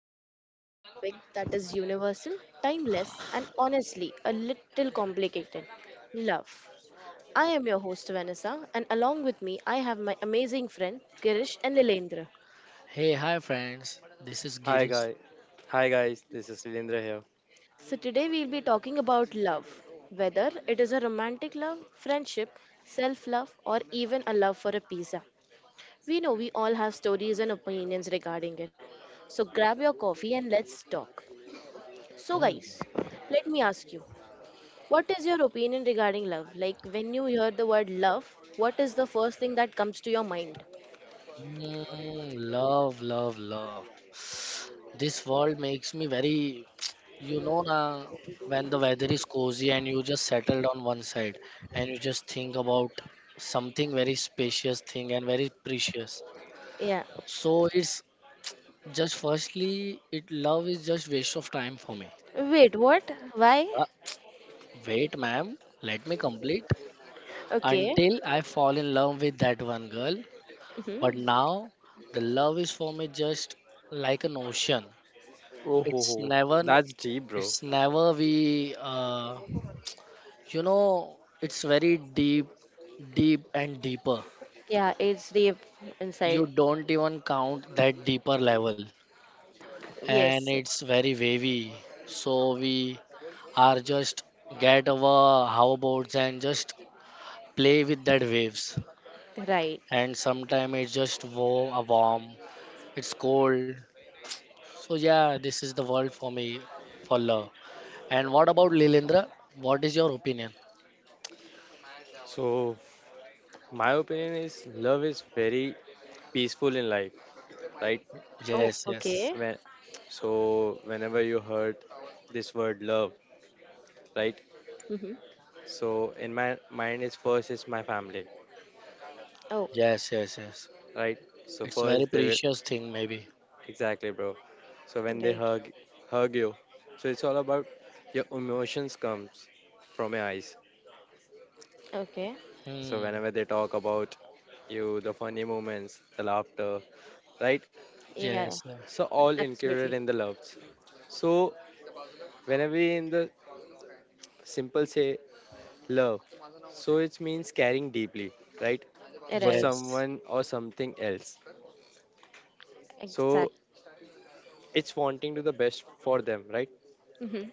we're diving into the topic that is universal, timeless, and honestly a little complicated love. I am your host Vanessa, and along with me, I have my amazing friend Girish and Lilendra. Hey, hi friends. This is Hi Girish. guy, hi guys, this is Lilendra here. So, today we'll be talking about love whether it is a romantic love, friendship, self love, or even a love for a pizza. We know we all have stories and opinions regarding it. So, grab your coffee and let's talk. So, Hmm. guys, let me ask you. What is your opinion regarding love? Like when you hear the word love, what is the first thing that comes to your mind? Hmm, love, love, love. This world makes me very, you know, na, when the weather is cozy and you just settled on one side and you just think about something very spacious thing and very precious. Yeah. So it's just firstly, it love is just waste of time for me. Wait, what? Why? Uh, Wait, ma'am, let me complete Okay. until I fall in love with that one girl. But Hmm. now, the love is for me just like an ocean. Oh ho It's ho, never, that's deep, bro. it's never we, it's very deep, deep and deeper. Yeah, it's deep inside. You don't even count that deeper level, and Yes, yes. it's very wavy. So we are just get our hoverboards and just play with that waves. Right. And sometimes it's just warm, warm. It's cold. So yeah, this is the world for me for love. And what about Lilendra? What is your opinion? So my opinion is love is very peaceful in life, right? Oh, Yes, yes. okay. When so whenever you heard this word love, right? Hmm. So in my mind is first is my family, Oh, Yes, yes, yes. right? So It's very first they will precious thing maybe. exactly, bro. So when they right. hug you, so it's all about your emotions comes from your eyes. Okay. So Hmm. whenever they talk about you, the funny moments, the laughter, right? Yeah, Yes, yeah. So all included absolutely. in the loves. So whenever we in the simple say love, so it means caring deeply, right? For Right. Yes. someone or something else. Exact. So it's wanting to the best for them, right? Hmm.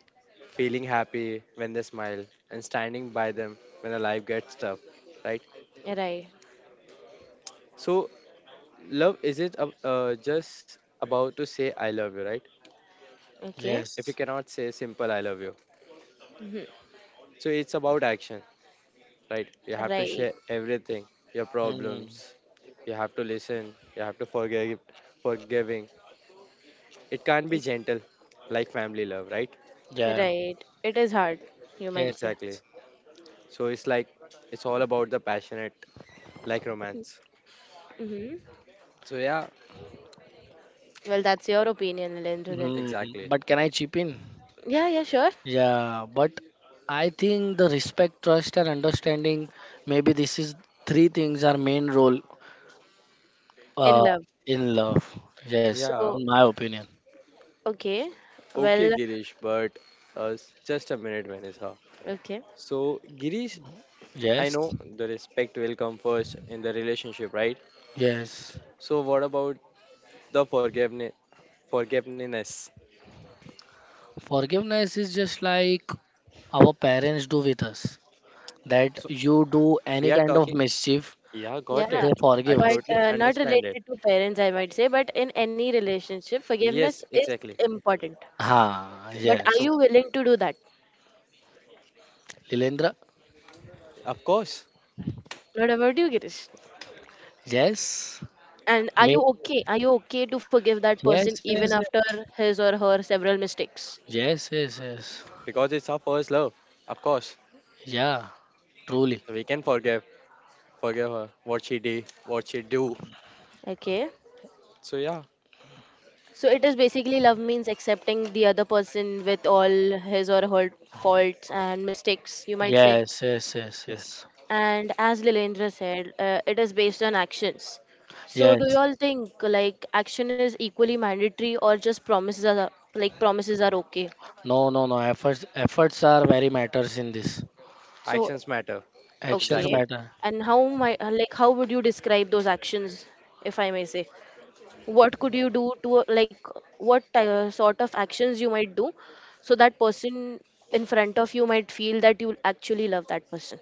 Feeling happy when they smile and standing by them when the life gets tough, right? Right. So love is just about to say I love you, right? Okay. If Yes. you cannot say simple I love you, Hmm. so it's about action, right? You have to Right. share everything, your Hmm. problems. You have to listen. You have to forgive, forgiving. It can't be It- gentle, like family love, right? Yeah. Right. It is hard, you Yes. might say. Exactly. So it's like it's all about the passionate, like romance. Mm-hmm. So yeah, Well, that's your opinion, Lendra, then. Hmm. exactly. But can I chip in? Yeah, yeah, sure. Yeah, but I think the respect, trust, and understanding, maybe this is three things are main role, In uh, love. in love. Yes, Yeah, So, in my opinion. okay. okay, Well, Girish, but just a minute, Vanessa. okay. So Girish, I Yes. know the respect will come first in the relationship, right? Yes, So what about the forgiveness? Forgiveness. forgiveness is just like our parents do with us. That So you do we any are kind of talking. mischief, Yeah, got Yeah. it. they I forgive us. But totally not understand it. related to parents, I might say, but in any relationship, Yes, forgiveness is exactly. important. Ah, Okay. But are yes. So, you willing to do that? Lilendra? of course, What about you, Girish? Yes. And are Me? you okay? Are you okay to forgive that person Yes, even yes, yes. after his or her several mistakes? Yes, yes, yes. because it's our first love, of course, Yeah, truly. we can forgive, forgive her what she did, what she do. Okay. So yeah, So it is basically love means accepting the other person with all his or her faults and mistakes, you might say. Yes, yes, yes, yes, yes. And as Lilendra said, it is based on actions. So do you Yes. all think like action is equally mandatory or just promises are like promises are okay? No, no, no. Efforts, efforts are very matters in this. So actions matter. Actions okay. Exactly. matter. And how my like how would you describe those actions if I may say? What could you do to like what sort of actions you might do so that person in front of you might feel that you actually love that person?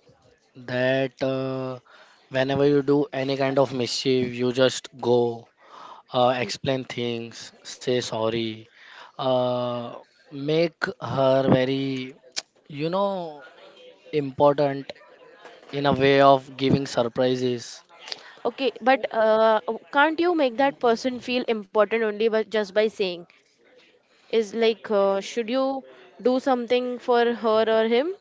That, whenever you do any kind of mischief, you just go. Explain things, say sorry, uh, make her very, you know, important, in a way of giving surprises. Okay, but can't you make that person feel important only by just by saying is like should you do something for her or him,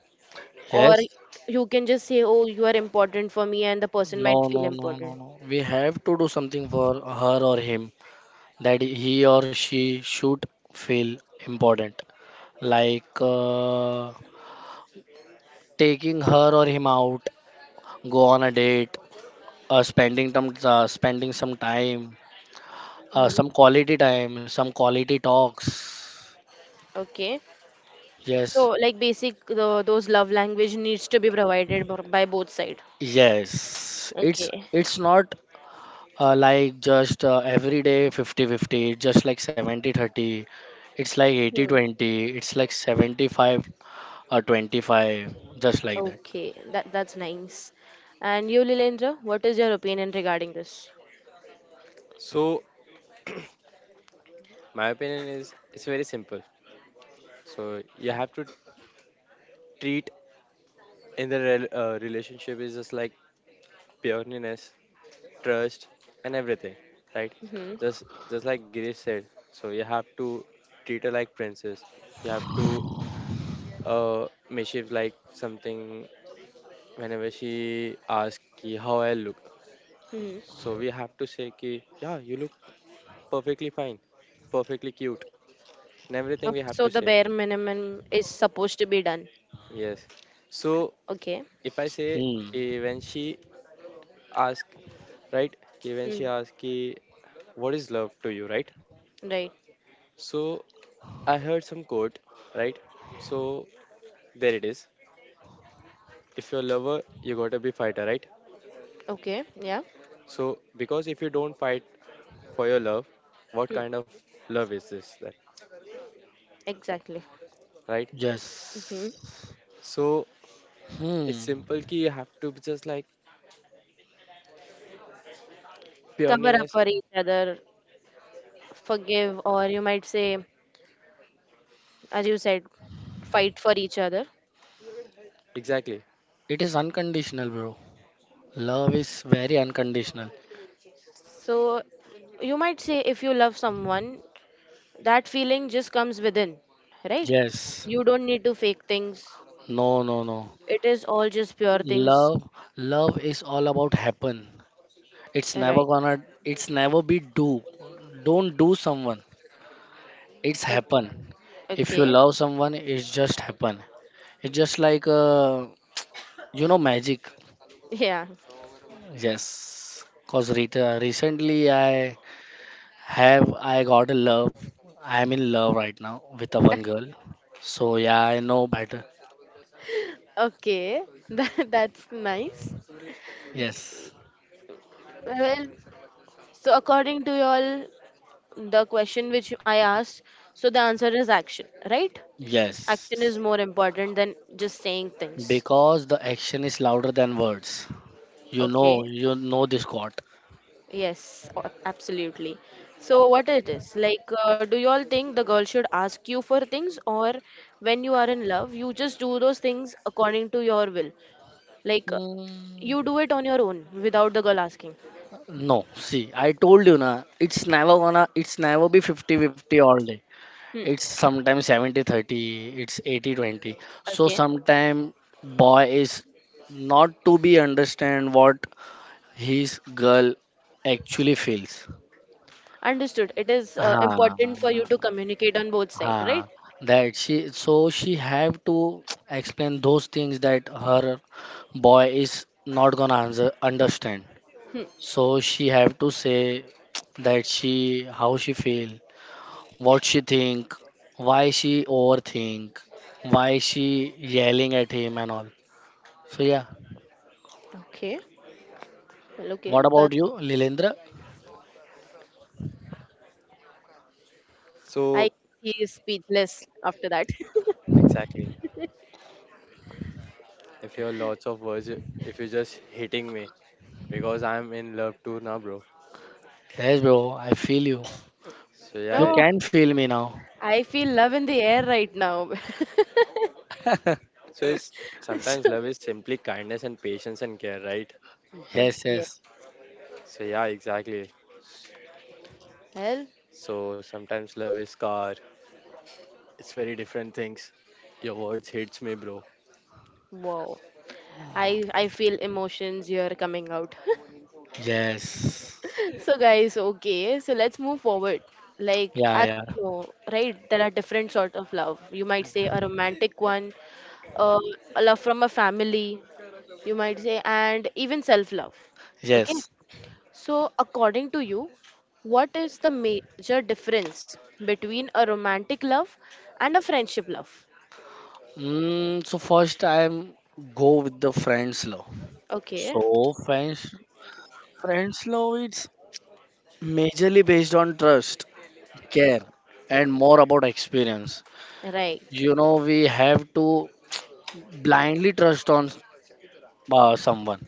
or Yes. you can just say, oh, you are important for me, and the person might No, feel no, no, no, important? no. We have to do something for her or him, that he or she should feel important. Like, taking her or him out, go on a date, spending some time, some Hmm. quality time, some quality talks. Okay. So Yes. like basic those love language needs to be provided by both side. Yes, it's Okay. it's not, like just, every day 50-50. 50. It's just like 70-30, it's like Hmm. 80-20, it's like 75 or 25, just like that. Okay. That that's nice. And you, Lilendra, what is your opinion regarding this? So my opinion is it's very simple. So you have to treat in the relationship is just like pureness, trust, and everything, right? Hmm. just just like Girish said, so you have to treat her like princess. You have to uh, mischief like something. Whenever she asks ki how I look, Hmm. so we have to say ki yeah, you look perfectly fine, perfectly cute, and everything Oh, we have so to the say. bare minimum is supposed to be done. Yes, so Okay. if I say Hmm. ki when she asks, right ki when Hmm. she asks ki what is love to you, right? Right. So I heard some quote, right? So there it is. If you're a lover, you gotta be fighter, right? Okay. Yeah. So because if you don't fight for your love, what Hmm. kind of love is this then? Exactly. Right? Hmm. Yes. So it's Hmm. simple ki you have to be just like Cover up pioneers. for each other, forgive, or you might say, as you said, fight for each other. Exactly. It is unconditional, bro. Love is very unconditional. So you might say if you love someone, that feeling just comes within, right? Yes. You don't need to fake things. No, no, no. It is all just pure things. Love, love is all about happen. It's never Right. gonna. It's never be do. Don't do someone. It's Okay. happen. If you Okay. love someone, it's just happen. It's just like, magic. Yeah. Yes. Cause recently I have I got a love. I am in love right now with a one girl. So yeah, I know better. Okay. That, that's nice. Yes. Well, so according to y'all, the question which I asked, so the answer is action, right? Action Yes. is more important than just saying things. Because the action is louder than words. Okay. You know this quote. Yes, o- absolutely. So, what it is like, do you all think the girl should ask you for things, or when you are in love, you just do those things according to your will? Like, Hmm. you do it on your own without the girl asking. No, see, I told you na, it's never gonna, it's never be 50-50 all day. Hmm. It's sometimes 70-30, it's 80-20. So Okay, sometimes boy is not to be understand what his girl actually feels. understood. It is Ha, important for you to communicate on both sides, ha, right? So she have to explain those things, that her boy is not gonna answer, understand. So she have to say that she how she feel, what she think, why she overthink, why she yelling at him and all. So yeah, Okay, well, okay, what about that's you, Lilendra? I So he is speechless after that. exactly. If you're lots of words you- if you're just hitting me because I'm in love too now, bro. Yes, bro, I feel you. So You yeah. Oh, can feel me now. I feel love in the air right now. So it's sometimes love is simply kindness and patience and care, right? So, Yes, yes, So yeah, exactly. Hell, So sometimes love is car, it's very different things. Your words hits me, bro. wow. I feel emotions here coming out. yes. So guys, okay, so let's move forward. Like as Yeah, yeah, you know, right? There are different sort of love. You might say a romantic one, uh, a love from a family. You might say, and even self-love. Okay. yes. So according to you, what is the major difference between a romantic love and a friendship love? So first I'm go with the friends law. Okay, So friends law, it's majorly based on trust, care, and more about experience. right. You know we have to blindly trust on, someone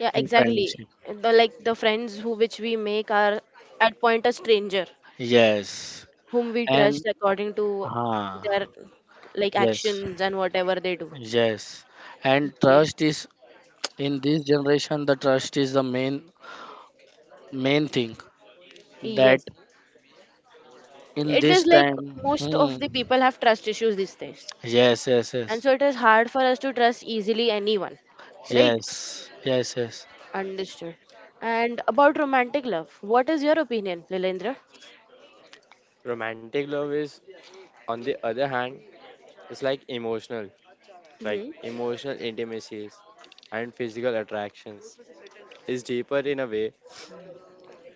Yeah, in exactly. friendship. The like the friends who which we make are at point a stranger Yes. whom we And, trust according to uh, their like yes, actions and whatever they do. yes. And Okay. trust is, in this generation the trust is the main thing, that Yes. in It this is like time. most Hmm, of the people have trust issues these days. yes, yes, yes. And so it is hard for us to trust easily anyone. Right? Yes, yes, yes, Understood. And about romantic love, what is your opinion, Lilendra? Romantic love is, on the other hand, it's like Mm-hmm. emotional intimacies and physical attractions. Is deeper in a way.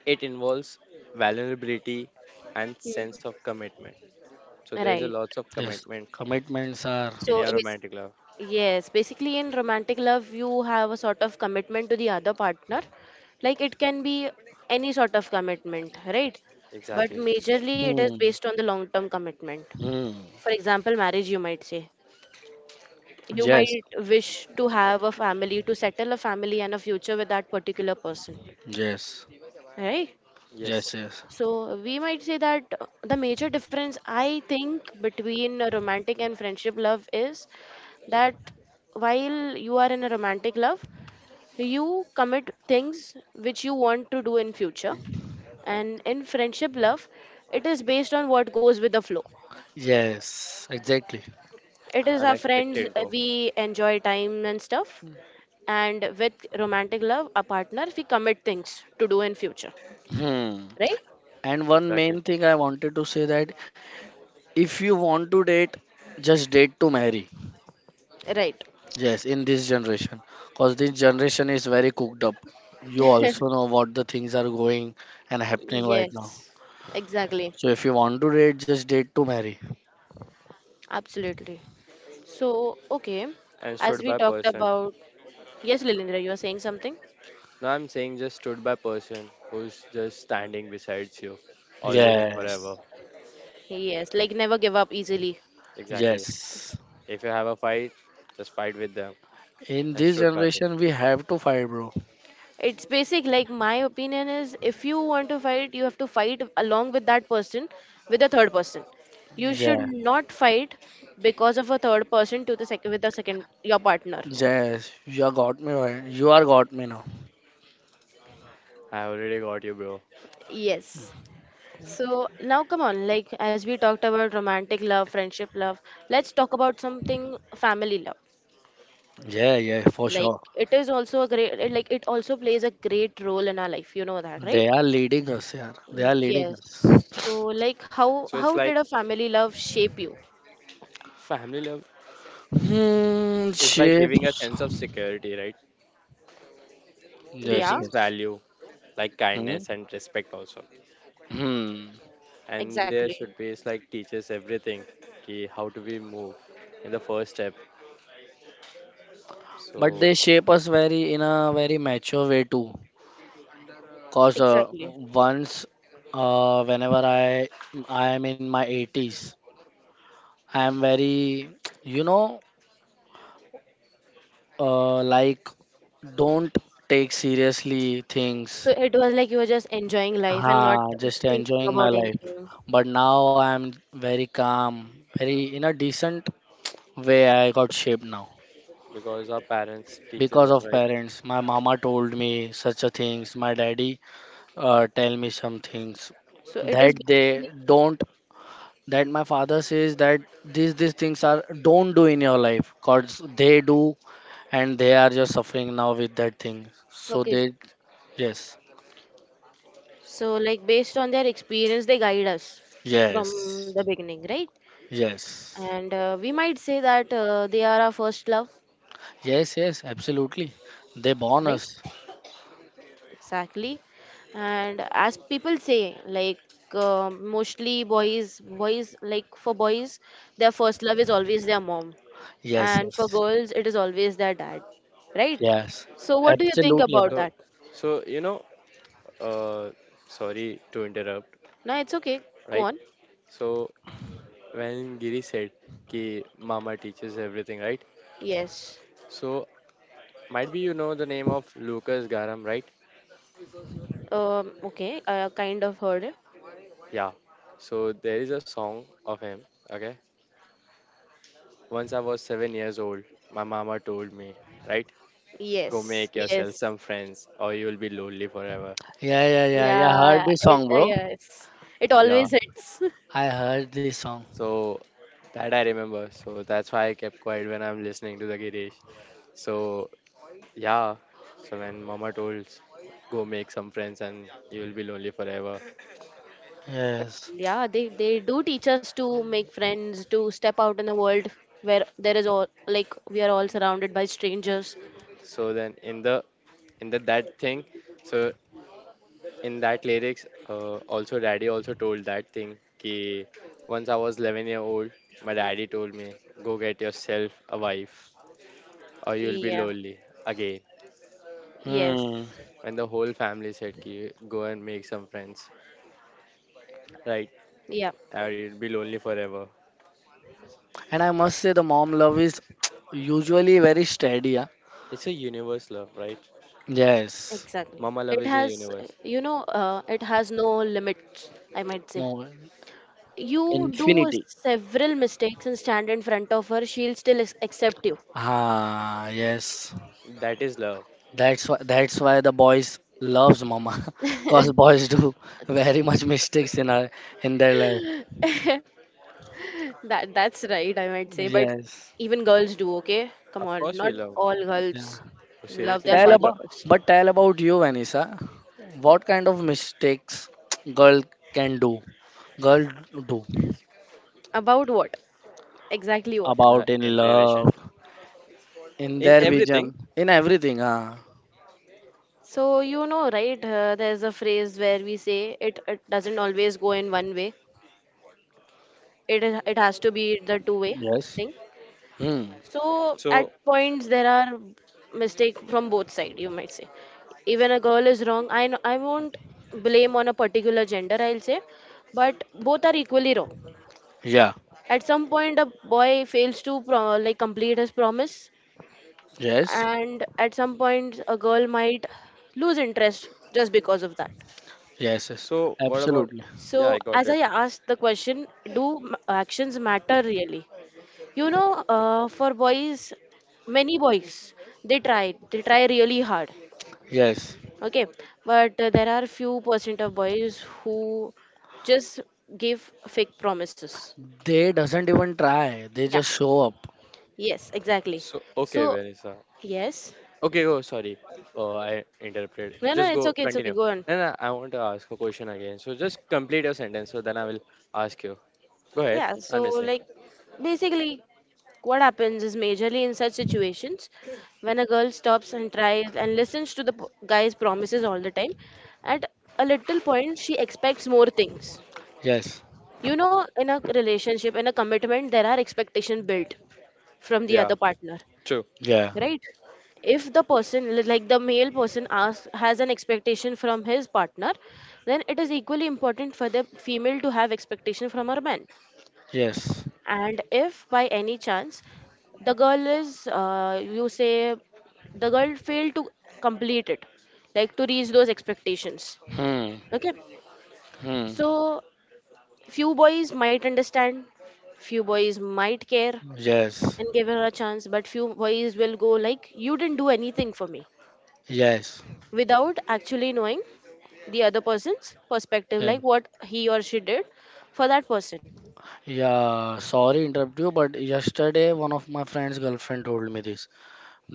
It involves vulnerability and sense of commitment. So there is a Right. lots of yes. commitment Commitments are. in So, your bas- romantic love. yes, basically in romantic love, you have a sort of commitment to the other partner. Like it can be any sort of commitment, right? But Exactly. majorly it is Hmm, based on the long-term commitment. hmm, For example, marriage, you might say. You yes, might wish to have a family, to settle a family and a future with that particular person, yes, right? yes, Yes. yes. So we might say that the major difference I think between a romantic and friendship love is that while you are in a romantic love, you commit things which you want to do in future. And in friendship love, it is based on what goes with the flow. Yes, exactly. It is our friends, Unexpected goal. we enjoy time and stuff. And with romantic love, a partner, we commit things to do in future. Hmm. Right? And one Exactly. main thing I wanted to say, that if you want to date, just date to marry. Right. Yes, in this generation, because this generation is very cooked up. You also know what the things are going and happening right now. Yes. Exactly. So if you want to date, just date to marry. Absolutely. So, okay, And as stood we by talked person. about, yes, Lilindra, you are saying something? No, I'm saying just stood by person who's just standing besides you, always and Yes, forever. Yes, like never give up easily. Exactly. yes. If you have a fight, just fight with them In and this stood by them. generation, we have to fight, bro. It's basic, like my opinion is if you want to fight, you have to fight along with that person with a third person. You should Yeah, not fight because of a third person to the second with the second your partner. yes. You are got me right. You are got me now. I already got you, bro. Yes. So now come on, like as we talked about romantic love, friendship love, let's talk about something family love. Yeah, yeah, for Like sure. it is also a great like it also plays a great role in our life. You know that, They right? are leading us, yeah. They are Yes. leading Yes. us. So like So it's how like did a family love shape you? family love Hmm, is by giving a shapes. sense of security, right? Yes, Yeah, Teachings yes. value like Hmm. kindness and respect also. Hmm. And there exactly. should be it's like teaches everything, ki how do we move in the first step. But So they shape us very in a very mature way too. Cause, Exactly. once, whenever I am in my 80s, I am very, you know, like don't take seriously So things. it was like you were just enjoying life and not Ah, just thinking enjoying my about life. anything. But now I am very calm, very in a decent way I got shaped now. because our parents teaches Because us, of right? parents, my mama told me such a things, my daddy, tell me some things, So it is that they basically don't, that my father says that these things are don't do in your life, cause they do and they are just suffering now with that thing. So okay. they, yes. So like based on their experience, they guide us from the Yes. beginning, right? Yes. And we might say that they are our first love, Yes, yes, absolutely. They born right? us. Exactly. And as people say, like mostly boys boys like for boys their first love is always their mom, Yes, and for yes. girls it is always their dad, right? Yes. So what do you think Absolutely, about right. So that? so you know, uh, sorry to interrupt, No, it's okay, go right? on. So when Giri said ki mama teaches everything, right? Yes, So might be you know the name of Lucas Garam, right? Okay, I kind of heard it. Yeah. So there is a song of him. Okay. Once I was 7 years old, my mama told me, right? Go Yes. make yourself Yes. some friends, or you will be lonely forever. Yeah, yeah, yeah, yeah. Heard Yeah, this it, song, bro. yes, it Yeah. always hits. I heard this song. So that I remember. So that's why I kept quiet when I'm listening to the Girish. So yeah. So when mama told, go make some friends, and you will be lonely forever. Yes. Yeah, they do teach us to make friends, to step out in the world where there is all like we are all surrounded by strangers. So then in the that thing, so in that lyrics also daddy also told that thing ki once I was 11-year old, my daddy told me go get yourself a wife, or you'll be Yeah. lonely again, Yes. Hmm. when the whole family said ki go and make some friends, right, Yeah. or you'll be lonely forever. And I must say the mom love is usually very steady. Yeah? It's a universe love, right? Yes. Exactly. Mama love It is a has, universe. you know, it has no limits, I might say. No. You do Infinity. several mistakes and stand in front of her, she'll still accept you. Ah, yes. That is love. That's why the boys loves mama. Cause boys do very much mistakes in our in their life. That that's right, I might say, but Yes. even girls do, okay? Come Of on, course we not love. all Yeah. girls love their Seriously, Tell we father thought. about first. but tell about you, Vanessa. What kind of mistakes girl can do? Girl do. About what? Exactly what? In a About in in love, relationship, in in their vision, everything. in everything. Ah, So, you know, right? There's a phrase where we say it, it doesn't always go in one way. It has to be the two-way yes. thing. Hmm. So at So points there are mistake from both side. You might say, even a girl is wrong. I know, I won't blame on a particular gender. I'll say, but both are equally wrong. Yeah. At some point, a boy fails to like complete his promise, Yes. and at some point, a girl might lose interest just because of that. Yes. Yes. so what about? Absolutely. Yeah, So, I got as I it. asked the question, do actions matter really? You know, for boys, many boys, they try really hard. Yes. Okay, but there are few percent of boys who just give fake promises. They doesn't even try. They Yeah, just show up. yes, exactly. So okay, So, Vanessa. yes, Okay, oh sorry. Oh, I interrupted. no, no, Just go it's okay, continue. go on. No, no, I want to ask a question again. So just complete your sentence, so then I will ask you. Go ahead. Yeah, I'm so listening. like basically what happens is majorly in such situations when a girl stops and tries and listens to the guy's promises all the time, at a little point she expects more things. Yes. You know, in a relationship, in a commitment, there are expectations built from the Yeah, other partner, true. Yeah. right? If the person, like the male person, asks, has an expectation from his partner, then it is equally important for the female to have expectation from her man. Yes. And if by any chance the girl is, you say, the girl failed to complete it, like to reach those expectations. Hmm. Okay. Hmm. So few boys might understand, few boys might care Yes. and give her a chance, but few boys will go like, you didn't do anything for me Yes. without actually knowing the other person's perspective, like Yes. what he or she did for that person. Yeah, sorry interrupt you, but yesterday one of my friend's girlfriend told me this,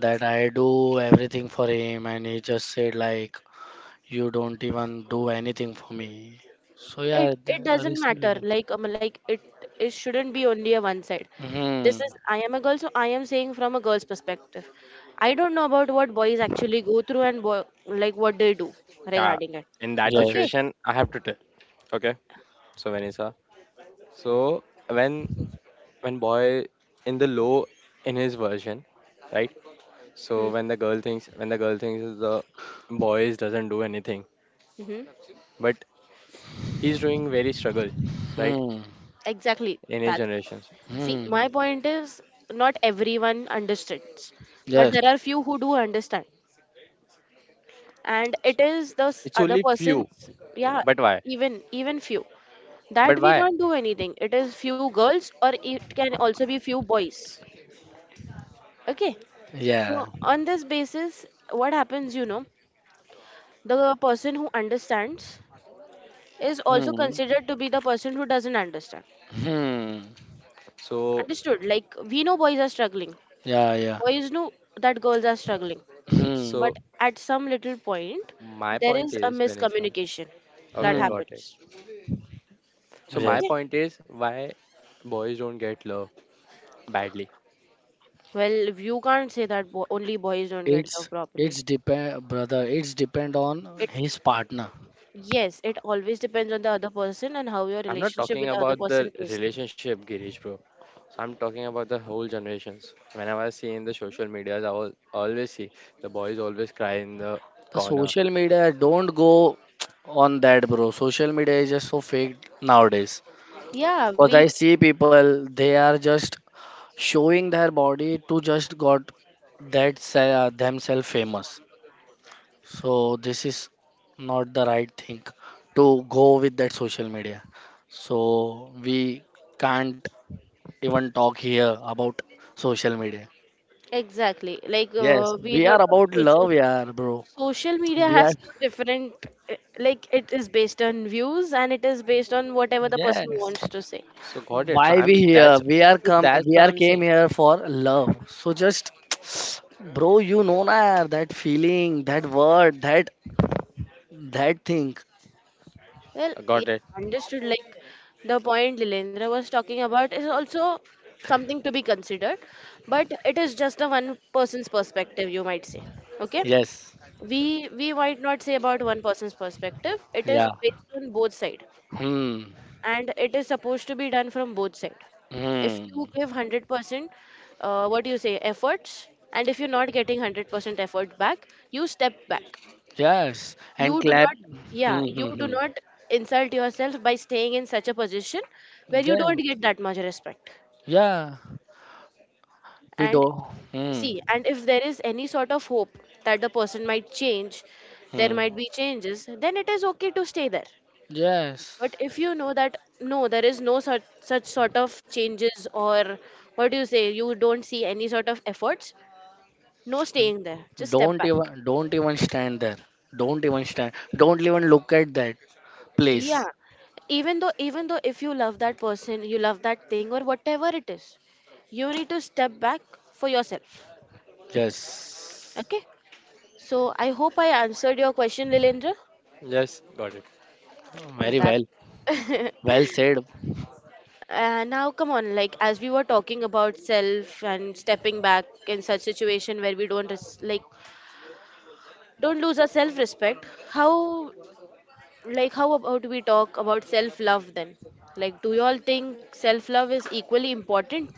that I do everything for him, and he just said like, you don't even do anything for me. So yeah, it it doesn't matter recently. Like it shouldn't be only a one side. This Hmm. is I am a girl, so I am saying from a girl's perspective. I don't know about what boys actually go through and like what they do Yeah, regarding it. in that Okay. Yes. situation, I have to tell. Okay, so Vanessa. So when when boy in the low in his version, right? So when the girl thinks is the boys doesn't do anything, Mm-hmm. but he's doing very struggle, right? Hmm. Exactly In his that. generations, See, Hmm. my point is not everyone understands, but Yes. there are few who do understand, and it is the it's other only few. person's. Eh, Yeah, but why? even few, that But we why? can't do anything. It is few girls or it can also be few boys. Okay. Yeah. So on this basis, what happens, the person who understands is also Hmm. considered to be the person who doesn't understand. Hmm. So, Understood. Like, we know boys are struggling, Yeah. Yeah. boys know that girls are struggling, Hmm. so but at some little point my there point is a is, Vanessa. miscommunication that Okay, Hmm. got it. happens. So my Yes. Okay. point is why boys don't get love badly. Well, you can't say that only boys don't get love It's properly. it's depend, brother. It's depend on It, his partner. yes, it always depends on the other person and how your I'm not relationship talking with the other about person the is. relationship, Girish, bro. So I'm talking about the whole generations. Whenever I see in the social medias, I will always see the boys always cry in the The corner. social media don't go on that, bro. Social media is just so fake nowadays. Yeah, Because we I see people, they are just showing their body to just got that themselves famous. So this is not the right thing to go with that social media. So we can't even talk here about social media. exactly. Like, Yes, we we are don't about social love, yeah, bro. social media We are, has two different like it is based on views and it is based on whatever the person yes. wants to say. So got it. So Why we I'm that's here? We are so come. that's We why are I'm saying. came here for love. So just, bro, you know na that feeling, that word, that thing. Well, yeah, Got it. understood. Like, the point Lilendra was talking about is also something to be considered, but it is just a one person's perspective, you might say. Okay. Yes. We might not say about one person's perspective. It is Yeah. based on both side, Hmm. and it is supposed to be done from both side. If you Hmm. give 100% what do you say, efforts, and if you're not getting 100% effort back, you step back. Yes. You And do clap. not Hmm. Yeah, you Hmm. do Hmm. not insult yourself by staying in such a position where you don't Yes. get that much respect. Yeah. We do. And Hmm. see, and if there is any sort of hope that the person might change, there Hmm. might be changes, then it is okay to stay there. Yes. But if you know that no, there is no such sort of changes, or what do you say, you don't see any sort of efforts, no staying there. Just step Don't back. even. Don't even stand there. Don't even stand. Don't even look at that place. Yeah. Even though if you love that person, you love that thing or whatever it is, you need to step back for yourself. Yes. Okay? So I hope I answered your question, Lilendra. Yes, got it. Well, Very that well. Well said. Now, come on, like as we were talking about self and stepping back in such situation where we don't res- like don't lose our self respect, how, like, how about we talk about self love then? Like, do you all think self love is equally important?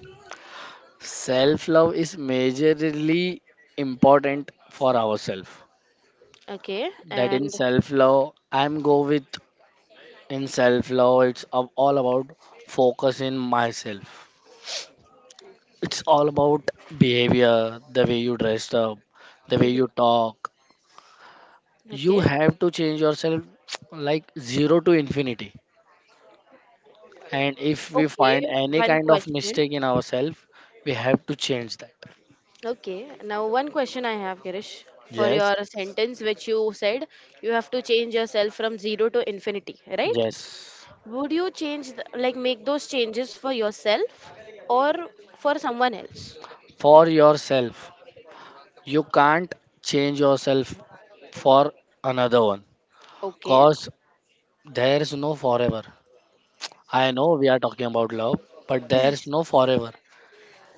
Self love is majorly important for ourselves. Okay. That in And self love I'm go with, in self love it's all about focus in myself. It's all about behavior, the way you dress up, the way you mhm. talk. You Okay. have to change yourself like zero to infinity. And if we Okay, find any one kind of question. mistake in ourselves, we have to change that. Okay, now one question I have, Girish, for Yes. your sentence which you said, you have to change yourself from zero to infinity, right? Yes, Would you change like, make those changes for yourself or for someone else? for yourself. You can't change yourself for another one. Okay. Cause there is no forever. I know we are talking about love, but there's no forever.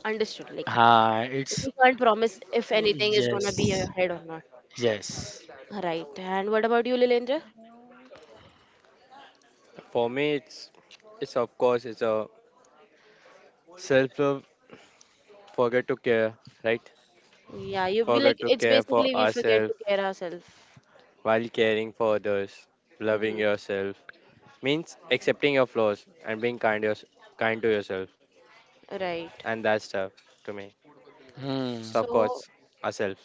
Understood. Like, Ah, it's, we can't promise if anything is gonna be yes, ahead or not. yes. Right. And what about you, Lilendra? For me, it's of course it's a self love. Forget to care, right? Yeah, you be like Forget to it's care for basically we forget ourselves to care ourselves. while caring for others. Loving Mhm. yourself means accepting your flaws and being kind, yours kind to yourself. Right. And that's stuff to me. Hmm, So, of So, course, ourselves.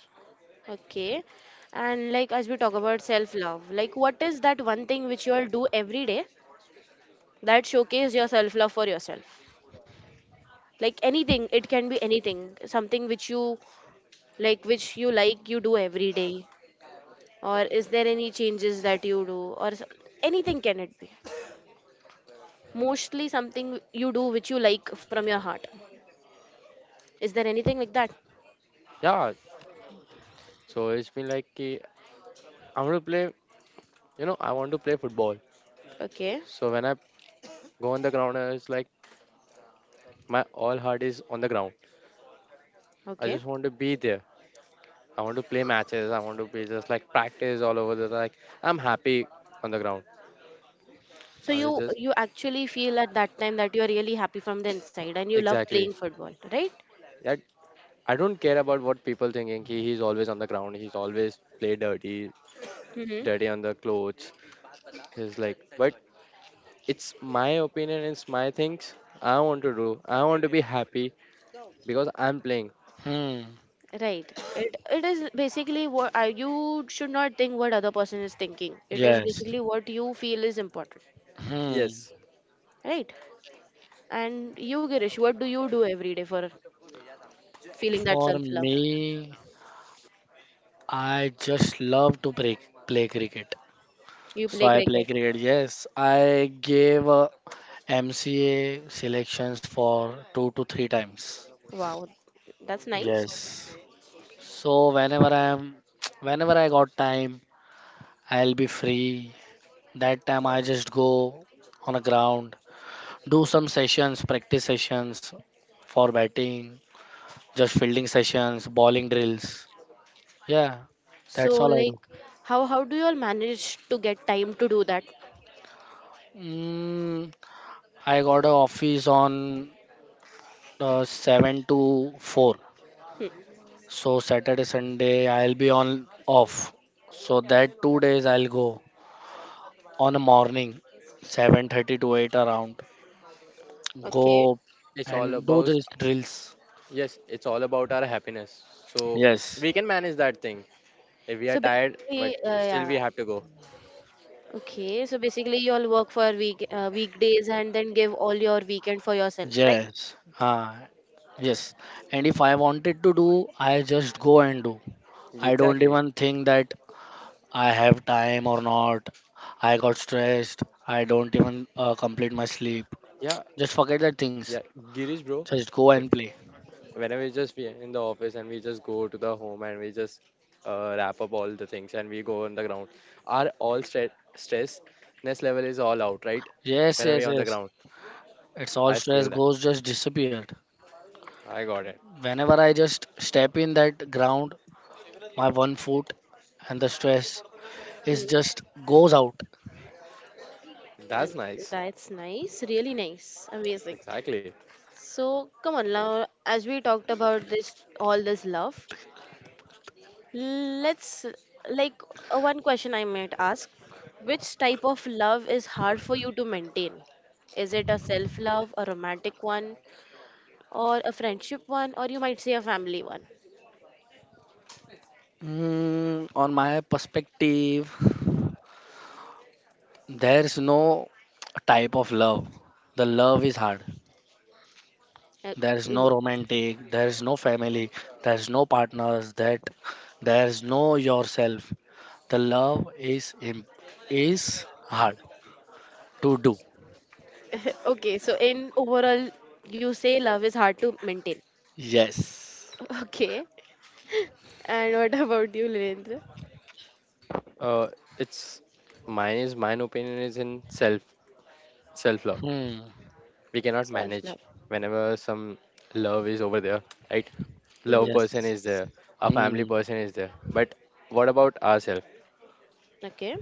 okay. And like, as we talk about self-love, like what is that one thing which you all do every day that showcase your self-love for yourself? Like, anything, it can be anything, something which which you like, you do every day. Or is there any changes that you do, or anything can it be? Mostly something you do which you like from your heart. Is there anything like that? Yeah, so it's been like ki- I want to play, you know, I want to play football. Okay. So, when I go on the ground, it's like my all heart is on the ground. I Okay. just want to be there. I want to play matches. I want to be just like practice all over the like. I'm happy on the ground. So I was you just you actually feel at that time that you are really happy from the inside and you love exactly playing football, right? I, I don't care about what people thinking. He's always on the ground. He's always play dirty, Mm-hmm. dirty on the clothes. He's like, but it's my opinion. It's my things. I want to do. I want to be happy because I'm playing. hmm, Right. It is basically you should not think what other person is thinking. It is yes. basically what you feel is important, Hmm. Yes. right? And you, Girish, what do you do every day for feeling that For self love? me, I just love to play cricket. You So play I play cricket. cricket. Yes, I gave, MCA selections for two to three times. Wow, that's nice. Yes. So whenever I got time, I'll be free. That time I just go on a ground, do some sessions, practice sessions for batting, just fielding sessions, bowling drills. Yeah, that's So, all I like, do. how do you all manage to get time to do that? Mm, I got a office on, 7 to 4. Hmm. So Saturday, Sunday, I'll be on off. So that 2 days I'll go on a morning, 7:30 to 8 around. Okay. Go It's all and do about these drills. yes. It's all about our happiness. So Yes. we can manage that thing if we are So tired, but basically, still yeah. we have to go. Okay. So basically, you all work for weekdays and then give all your weekend for yourself, right? Yes. Ah, yes. And if I wanted to do, I just go and do. I don't Exactly. even think that I have time or not. I got stressed. I don't even, complete my sleep. Yeah. Just forget that things. Yeah. Girish, bro. Just go So. and play. Whenever we just be in the office and we just go to the home and we just wrap up all the things and we go on the ground, our all stressness level is all out, right? Yes, Whenever we yes, are on the yes. ground, It's all I stress feel that. goes just disappeared. I got it. Whenever I just step in that ground, my one foot and the stress Hmm. is just goes out. That's And nice. that's nice. Really nice. Amazing. Exactly. So come on now, as we talked about this all this love. Let's, like, one question I might ask. Which type of love is hard for you to maintain? Is it a self love, a romantic one, or a friendship one, or you might say a family one? On my perspective, there's no type of love. The love is hard. Uh, There's no l- romantic, there's no family, there's no partners, that there's no yourself. The love is hard to do. Okay, so in overall, you say love is hard to maintain. Yes. Okay, and what about you, Lilendra? uh it's mine opinion is in self love. Hmm. We cannot Self manage. love. Whenever some love is over there, right, love Mm-hmm. person Yes. is there, a family Hmm. person is there, but what about ourselves? Okay,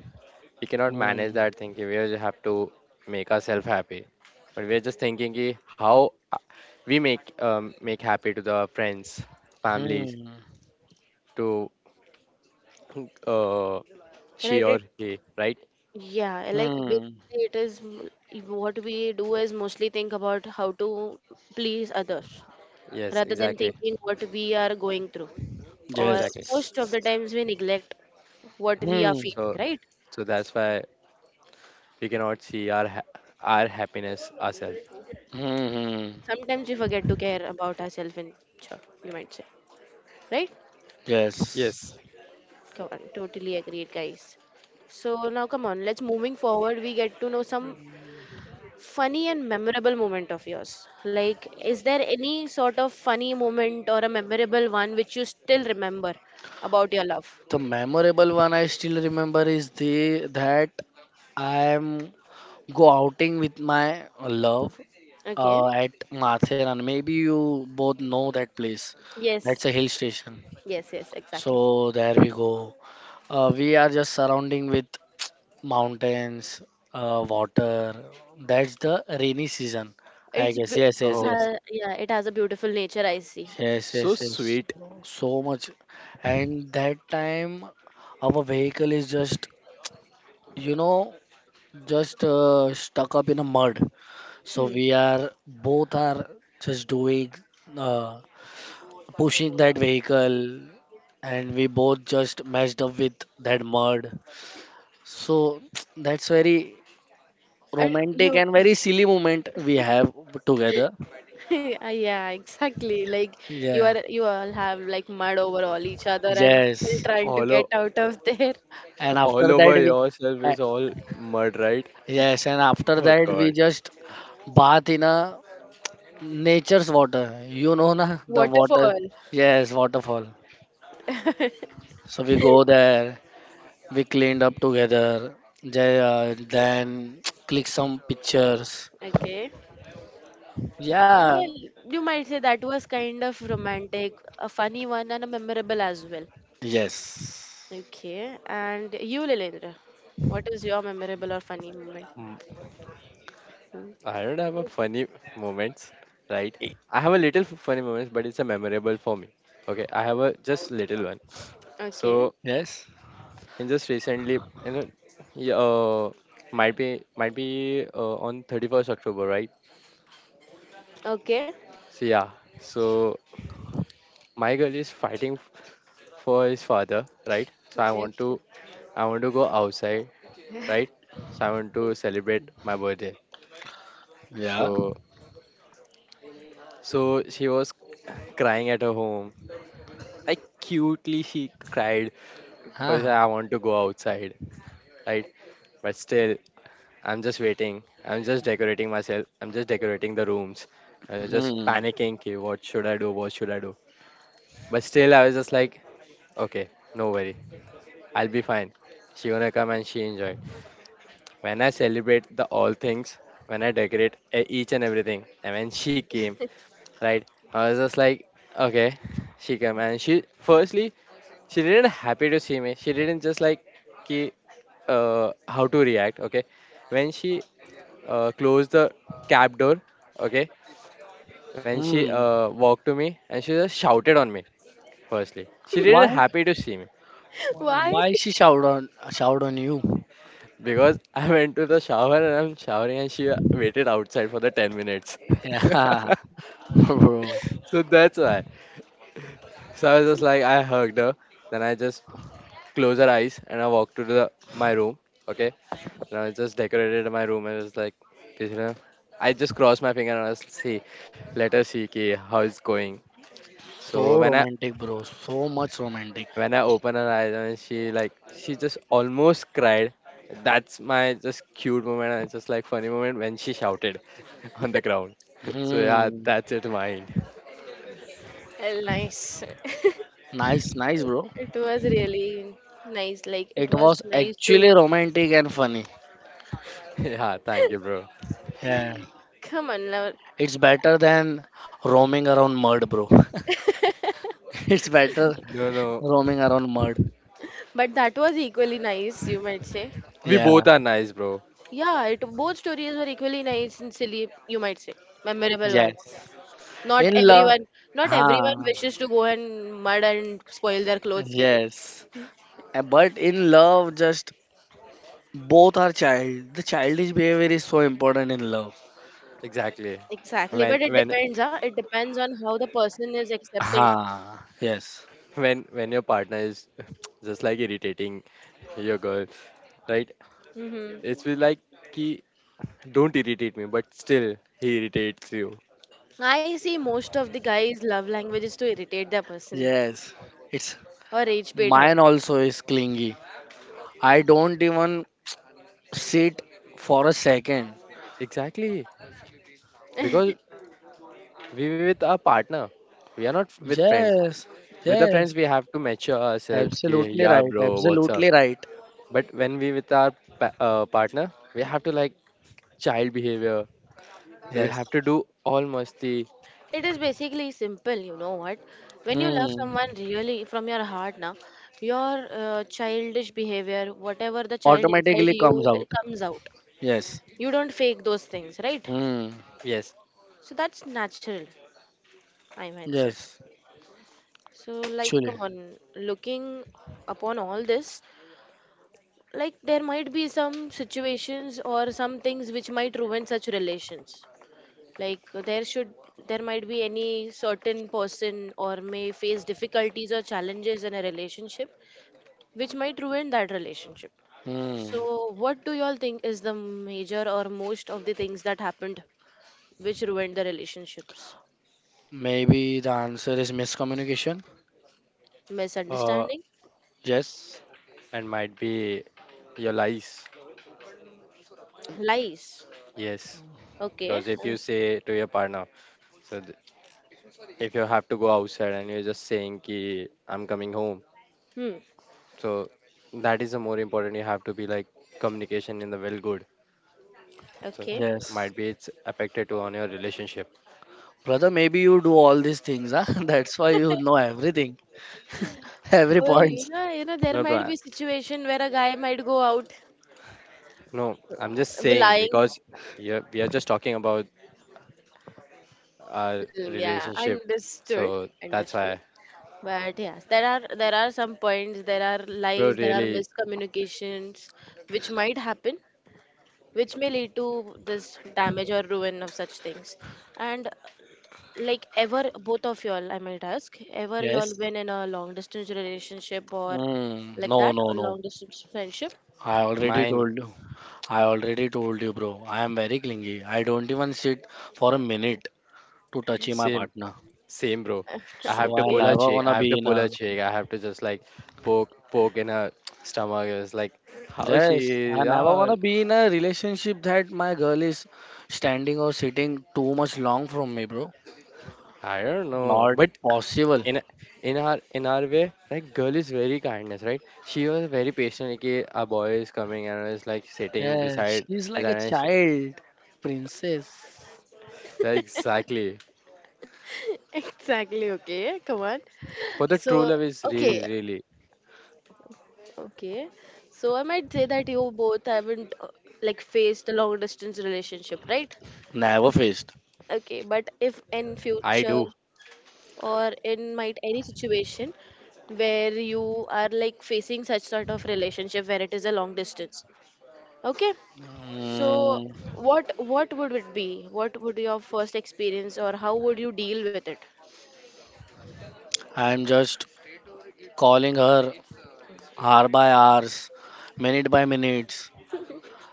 We cannot manage Hmm. that thinking. We just have to make ourselves happy, but we're just thinking ki how uh, we make make happy to the friends, families, Hmm. to uh, she right. or It he, right? Yeah, like Hmm. basically it is if what we do is mostly think about how to please others Yes, rather than exactly. thinking what we are going through. Or Exactly. Yes. most of the times we neglect what we are Hmm. feeling, So right? so that's why we cannot see our our happiness ourselves. Hmm. Hmm. Sometimes we forget to care about ourselves in short, you might say, right? Yes. Yes. Come on, totally agreed, guys. So now come on, let's moving forward. We get to know some funny and memorable moment of yours. Like, is there any sort of funny moment or a memorable one which you still remember about your love? The memorable one I still remember is the that I am go outing with my love, Okay. At Matheran. Maybe you both know that place. That's a Yes. hill station. Yes, yes, exactly. So there we go. We are just surrounding with mountains, water. That's the rainy season, I It's guess. b- Yes, yes, Oh, yes. Yeah, it has a beautiful nature, I see. Yes, so yes, yes. sweet. So much. And that time, our vehicle is just you know just stuck up in a mud, so Hmm. we are both are just doing, uh, pushing that vehicle, and we both just messed up with that mud. So that's very And romantic you, and very silly moment we have together. yeah, exactly. Like, Yeah. You all have like mud over all each other and still yes trying to all get o- out of there. and all after over that we yourself a- is all mud, right? yes and after Oh that we god. just bath in a nature's water, you know na the water. Waterfall. Yes, waterfall. So we go there, we cleaned up together, then click some pictures. Okay. Yeah, Well, you might say that was kind of romantic, a funny one, and a memorable as well. yes, Okay, and you, Lilendra, what is your memorable or funny moment? Hmm. I don't have a funny moments, right? I have a little funny moments, but it's a memorable for me. Okay, I have a just little one. Okay, So, yes, in just recently, you know, yeah, might be on 31st October, right? okay, So yeah, so my girl is fighting for his father, right? So I okay. want to. I want to go outside, right? So I want to celebrate my birthday. yeah. So so she was crying at her home. Like cutely she cried. First, Huh. I want to go outside, right? But still, I'm just waiting. I'm just decorating myself. I'm just decorating the rooms. I'm just Hmm. panicking. Okay, what should I do? What should I do? But still, I was just like, okay, no worry. I'll be fine. She gonna come and she enjoyed. When I celebrate the all things, when I decorate each and everything, and when she came, right? I was just like, okay, she came and she. Firstly, she didn't happy to see me. She didn't just like. कि how to react. Okay, when she closed the cab door. Okay, when she Hmm. Walked to me and she just shouted on me. Firstly, she didn't Why? happy to see me Why? Why she shout on you? because I went to the shower and I'm showering and she waited outside for the 10 minutes. Yeah, bro. So that's why. So I was just like, I hugged her. Then I just closed her eyes and I walked to the my room. Okay. And I just decorated my room. I was like, you know, I just crossed my finger and I was like, see, let her see ki, how it's going. So So when I romantic, bro. So much romantic. when I opened her eyes and she just almost cried. That's my just cute moment and just like funny moment when she shouted on the ground. So yeah, Hmm. that's it, mine. Well, nice. Nice, nice, bro. It was really nice. Like, it It was was nice to actually romantic and funny. Yeah, thank you, bro. Yeah. come on, love. It's better than roaming around mud, bro. it's better No, no, roaming around mud. But that was equally nice, you might say. we Yeah. both are nice, bro. Yeah, it both stories were equally nice and silly, you might say. Memorable ones. Yes. Not In love, everyone, not everyone huh? wishes to go and mud and spoil their clothes, Girish. Yes. But in love, just both are child. The childish behavior is so important in love. Exactly. Exactly, When but it when depends, huh? It depends on how the person is accepting. Huh. Yes. when your partner is just like irritating your girl, right? Hmm. It's feel like ki don't irritate me, but still he irritates you. I see most of the guys' love language is to irritate their person Yes. It's or rage bait her. Mine also is clingy. I don't even sit for a second. Exactly. Because we were with our partner. We are not with friends. Yes. With the friends, Yes. we have to mature ourselves. Ki Absolutely yeah, right. bro, what's up? Absolutely right. But when we with our partner, we have to like child behavior. We Yes. have to do all musty. It is basically simple, you know what? When you love Hmm. someone really from your heart, now your childish behavior, whatever the child inside Automatically comes you, out. it comes out. Yes. You don't fake those things, right? Hmm. Yes. So that's natural, I might say. Yes. So, like, Actually. come on, looking upon all this, like there might be some situations or some things which might ruin such relations. Like, there might be any certain person or may face difficulties or challenges in a relationship which might ruin that relationship. Hmm. So what do y'all think is the major or most of the things that happened which ruined the relationships? Maybe the answer is miscommunication. Uh, Misunderstanding? Yes. and might be your lies. Lies. Yes. Okay. Because if you say to your partner, so th- if you have to go outside and you're just saying ki I'm coming home. Hmm. So that is the more important. You have to be like communication in the well good. So Okay. Yes. might be it's affected to on your relationship. Brother, maybe you do all these things, huh? That's why you know everything. Every point. There No, bro. might be situation where a guy might go out No, I'm just saying lying. because yeah, we are just talking about our Mm, yeah, relationship. So that's understood. why, But yes, there are some points, there are bro. lies, there are Really, miscommunications which might happen, which may lead to this damage or ruin of such things. And like, ever, both of y'all, I might ask, ever Yes. y'all been in a long distance relationship or Mm, like no, that, no, a no. long distance friendship? I already mine told you. I already told you, bro. I am very clingy. I don't even sit for a minute to touch my same partner. same, bro. I So have to I Okay, pull her never cheek. gonna I have to be in pull a her cheek. I have to just like poke in her stomach. It's like how Yes, I she never ah. want to be in a relationship that my girl is standing or sitting too much long from me, bro. I don't know, Not but possible. in in our way, like girl is very kindness, right? She was very patient. Like, "Okay, a boy is coming and is like sitting Yeah, beside she's like a beside and she," child, princess. yeah, exactly. exactly. Okay, come on. For the true So, love is okay, really really. okay. So I might say that you both haven't like faced a long distance relationship, right? Never faced. Okay, but if in I future do. or in might any situation where you are like facing such sort of relationship where it is a long distance, okay? So Mm, what would it be? What would your first experience or how would you deal with it? I'm just calling her hour by hours, minute by minutes,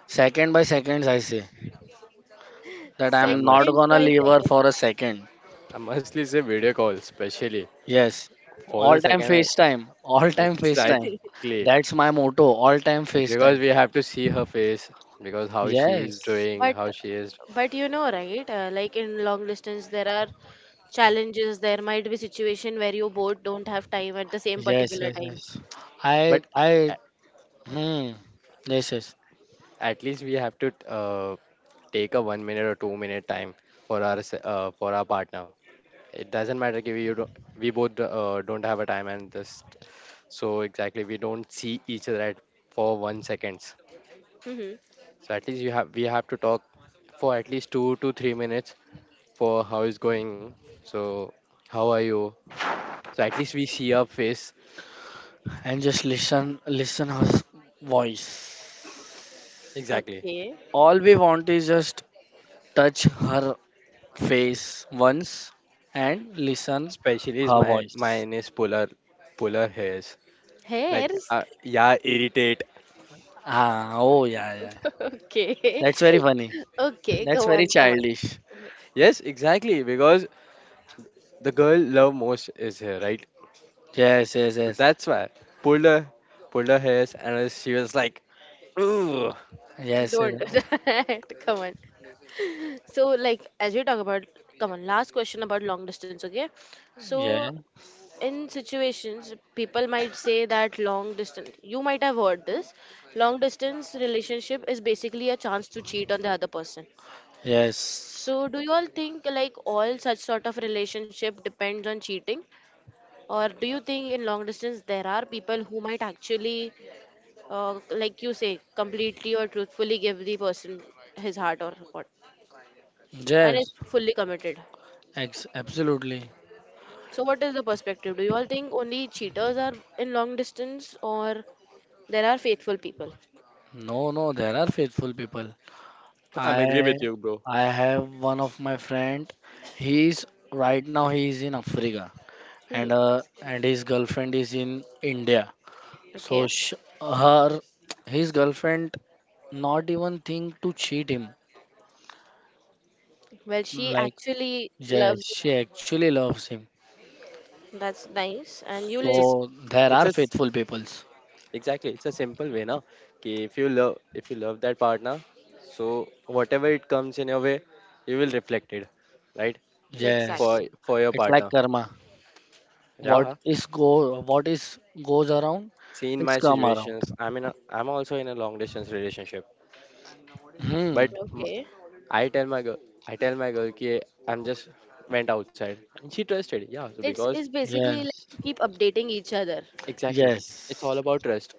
second by seconds. I say that I'm I not must. Seconds gonna by leave her for a seconds. second. I mostly say video call, especially Yes, for all the time second. FaceTime, all time FaceTime. Exactly, That's my motto, all time because FaceTime. we have to see her face, because how she is Yes, doing, But how she is. but you know, right, like in long distance there are challenges, there might be situation where you both don't have time at the same yes, particular yes, time. yes. I, But I, a- hmm, yes, yes. at least we have to uh, take a 1 minute or 2 minute time for our for our partner. It doesn't matter if you don't, we both don't have a time, and this so exactly we don't see each other at for 1 seconds. Hmm. So at least you have we have to talk for at least 2 to 3 minutes for how is going. So how are you? So at least we see our face, And just listen her voice. exactly. Okay. All we want is just touch her face once and listen Especially is her my voice. mine is polar hairs. Like Hairs. Yeah, irritate. Ah, oh yeah, yeah. Okay. That's very funny. Okay, That's come very on, come childish. Yes, exactly. Because the girl love most is here, right? Yes, yes, So yes, that's why pulled her pulled her hairs and she was like, "Ooh." on, yes, yes. don't do that. Come on. So, like, as we talk about, come on, last question about long distance, okay? So Yes. in situations people might say that long distance, you might have heard this, long distance relationship is basically a chance to cheat on the other person. Yes. So do you all think like all such sort of relationship depends on cheating? Or do you think in long distance there are people who might actually like, you say, completely or truthfully give the person his heart or what, and is Yes. fully committed? Absolutely. So what is the perspective? Do you all think only cheaters are in long distance, or there are faithful people? No, no, there are faithful people. I'm agree I with you, bro. I have one of my friend. He's Right now he is in Africa, Hmm. and and his girlfriend is in India. So Okay. sh her his girlfriend not even think to cheat him. Well, she Like actually yes, loves. she actually loves him. That's nice. And you It's live just So there it's are just faithful peoples. exactly it's a simple way now. Okay, if you love that partner, so whatever it comes in your way, you will reflect it, right? Yes. For exactly. for your It's like partner. karma. Yeah. What is goes around, See, in it's my come around. situations, I'm also in a long distance relationship, Hmm. but Okay. I tell my girl, I tell my girl, ki I'm just went outside, and she trusted. Yeah, so It's because it's basically like Yes. you keep updating each other. exactly, it's all Yes. about trust.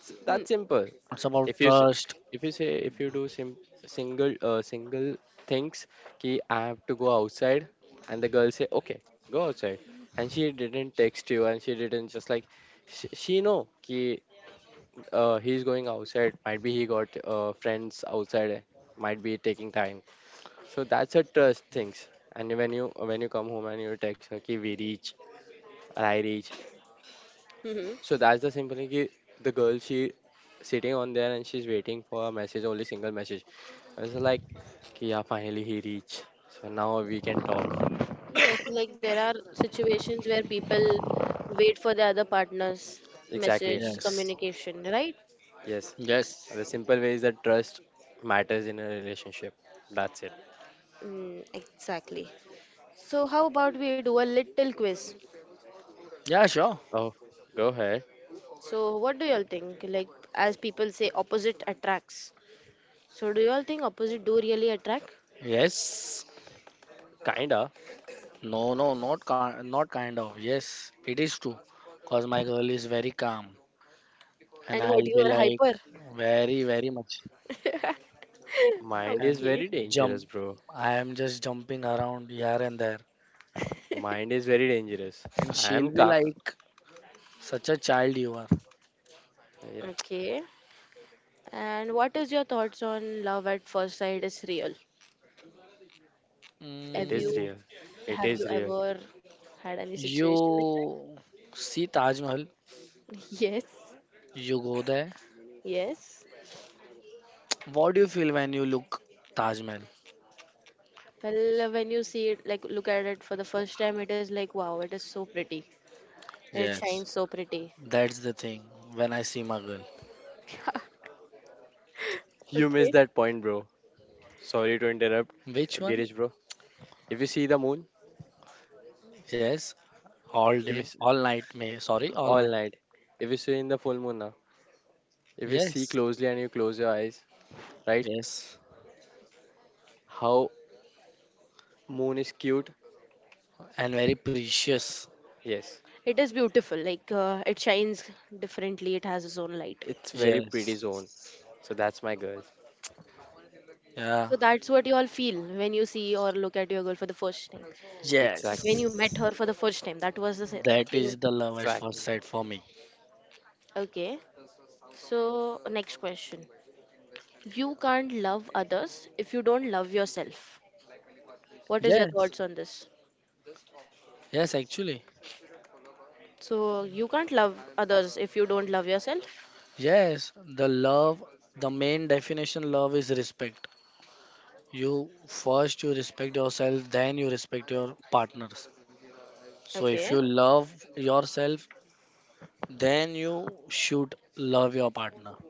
It's Hmm. that simple. It's about If you say, trust. if you say, if you do sim single single things, ki I have to go outside, and the girl say, okay, go outside, and she didn't text you, and she didn't just like, she know ki he's going outside. Might be he got friends outside. Might be taking time. So that's a trust things. And when you come home and you text her, ki we reach, or I reach. Hmm. So that's the simple thing. Ki The girl, she sitting on there and she's waiting for a message, only single message. I was like, ki yeah, finally he reached. So now we can talk. Yes, like there are situations where people wait for the other partner's Exactly. message Yes. communication, right? Yes. And the Yes. simple way is that trust matters in a relationship. That's it. Mm, exactly. So how about we do a little quiz? Yeah, sure. Oh, go ahead. So what do y'all think? Like, as people say, opposite attracts. So do you all think opposite do really attract? Yes. Kinda. No, no, not kind of. Yes, it is true. Cause my girl is very calm, and And what I'll you be are, like hyper? very, very much. Mind is Okay. I'm very jump. dangerous, bro. I am just jumping around here and there, Mind is very dangerous. and I she'll am be ca. like, "Such a child you are." Yeah, Okay. And what is your thoughts on love at first sight is real? it Have is you Mm, real. It is real. ever had any situation like that? you see Taj Mahal, Yes. you go there. Yes. What do you feel when you look Taj Mahal? Well, when you see it, like look at it for the first time, it is like wow, it is so pretty. It Yes, shines so pretty. that's the thing. When I see my girl, You missed Okay. that point, bro. Sorry to interrupt, which one? Girish, bro. If you see the moon, Yes, all if you day, s- all night. May Sorry, all all night. night. If you see in the full moon now, if you see Yes, closely and you close your eyes, right? yes, How moon is cute? and very precious. Yes, It is beautiful. Like, it shines differently. It has its own light. it's very pretty Yes, zone. So that's my girl. yeah, So that's what you all feel when you see or look at your girl for the first time. When you Exactly, met yes. her for the first time, that was the That is thing. the love at first exactly. sight for me. Okay. So, next question. You can't love others if you don't love yourself. What is your Yes, thoughts on this? yes, actually, So, you can't love others if you don't love yourself. yes. The love, the main definition, love is respect. You respect yourself, then you respect your partners. So if Okay. you love yourself, then you should love your partner.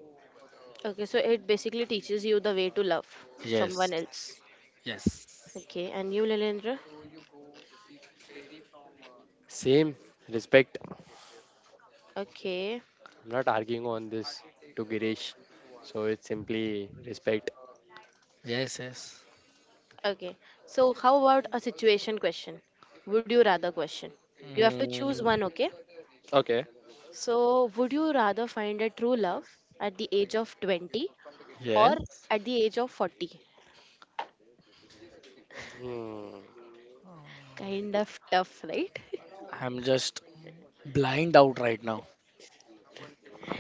Okay, so it basically teaches you the way to love someone else. Yes. Yes. Okay, and you, Lilendra? Same respect. Okay. I'm not arguing on this to Girish. So it's simply respect. Yes, yes. Okay. So how about a situation question? Would you rather question? You have to choose one, Mm, okay? Okay. So would you rather find a true love at the age of 20 or yes. at the age of 40? Hmm. Kind of tough, right? I'm just blind out right now.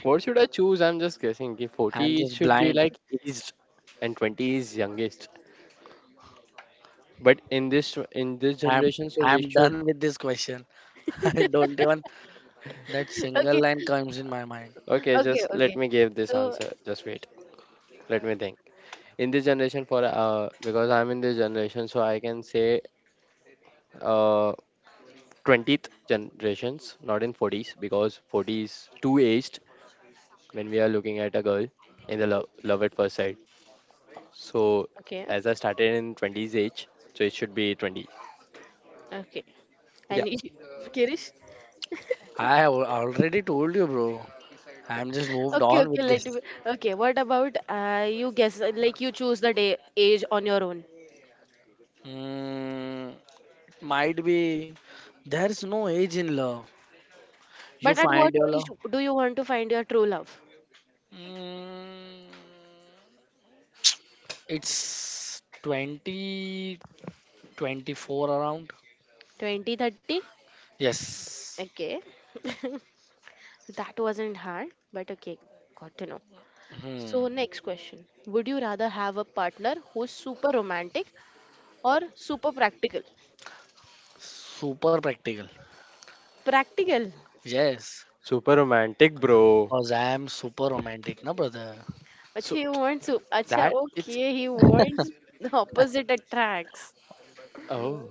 What should I choose? I'm just guessing. कि I'm 40 just should be blind. like aged and 20 is youngest. But in this I'm generation, so we I'm should. done with this question. I don't even that Okay, single line comes in my mind. Okay, okay, just let okay. me give this So, answer. Just wait. Let me think. In this generation, for because I'm in this generation, so I can say uh, 20th generations, not in 40s, because 40 is too aged when we are looking at a girl in the love at first sight. So okay, as I started in 20s age, so it should be 20. okay. Yeah, And you, Kirish? I have already told you, bro. I'm just moved Okay, on okay, with let this. me. Okay, what about you guess, like you choose the day age on your own. Mm, might be there's no age in love. You But at what find your age love. do you want to find your true love? Mm, it's 2024 around. 20, 30. Yes. Okay, that wasn't hard, but okay, got to know. Hmm. So, next question. Would you rather have a partner who's super romantic or super practical? Super practical. Practical. Yes. super romantic, bro. Cause I am super romantic, na brother. Acha, So he wants to. Acha, that it's, okay, he wants the opposite attracts. oh,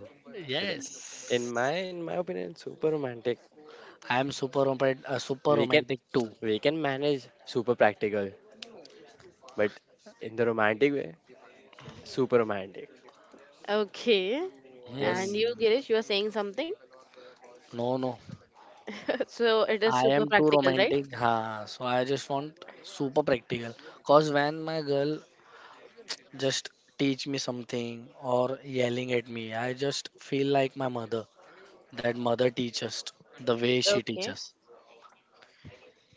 but in my Yes. in my opinion, super romantic. I am super romantic. Super We can romantic too. we can manage super practical, but in the romantic way, super romantic. Okay, and Yes. Hmm. you, Girish, you are saying something? No, no. So, it is I super am too practical, right? romantic, huh? So I just want super practical. Cause when my girl just teach me something or yelling at me, I just feel like my mother. That mother teaches the way she Okay. teaches.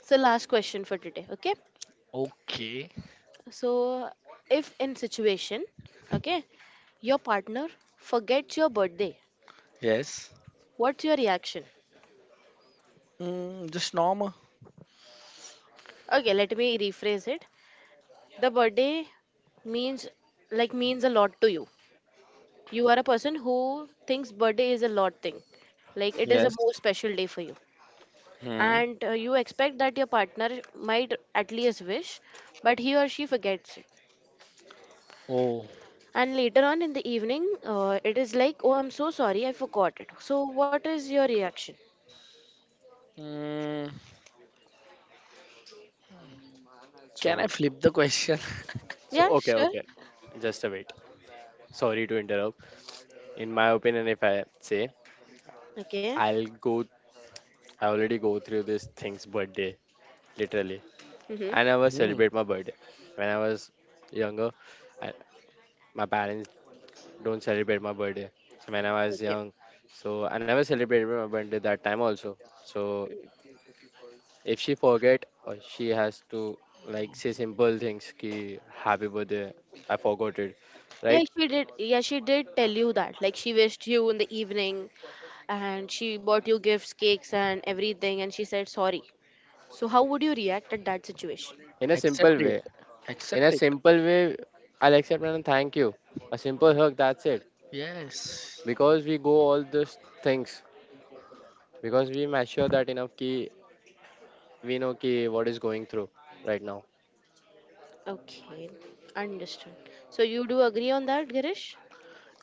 So, last question for today, okay? Okay. So, if in situation, okay, your partner forgets your birthday, Yes. what's your reaction? Mm, just normal. Okay, let me rephrase it. The birthday means like means a lot to you. You are a person who thinks birthday is a lot thing. Like it is a Yes. more special day for you. Hmm. And you expect that your partner might at least wish, but he or she forgets it. Oh. And later on in the evening, it is like, oh, I'm so sorry, I forgot it. So, what is your reaction? Mm, can I So flip the question? so Yeah, okay, sure. okay. Just a bit. Sorry to interrupt. In my opinion, if I say, Okay. I'll go I already go through this thing's birthday, literally. Mm-hmm. I never Hmm. celebrate my birthday. When I was younger, I, my parents don't celebrate my birthday. So when I was Okay. young, so I never celebrated my birthday that time also. So Mm. if she forget, she has to like say simple things, ki happy birthday, I forgot it, Yeah, right? she did. Yeah, she did tell you that. Like, she wished you in the evening and she bought you gifts, cakes, and everything, and she said sorry. So, how would you react at that situation? in a simple Accept it. way in a Accept it. simple way I'll accept and thank you, a simple hug, that's it. Yes. Because we go all those things, because we mature that enough, ki we know ki what is going through right now. Okay, understood. So, you do agree on that, Girish?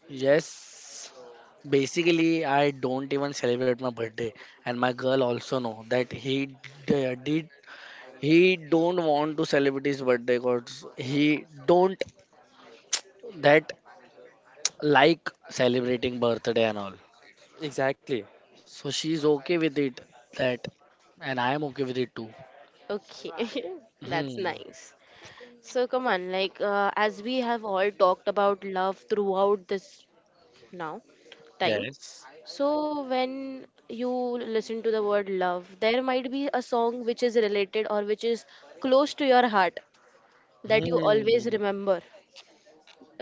Yes. Basically, I don't even celebrate my birthday, and my girl also know that he did. He don't want to celebrate his birthday because he don't that like celebrating birthday and all. Exactly. So she's okay with it that, and I am okay with it too. Okay, that's Hmm. nice. So, come on, like, as we have all talked about love throughout this now, time. Yes. So, when you listen to the word love, there might be a song which is related or which is close to your heart that you always Hmm. remember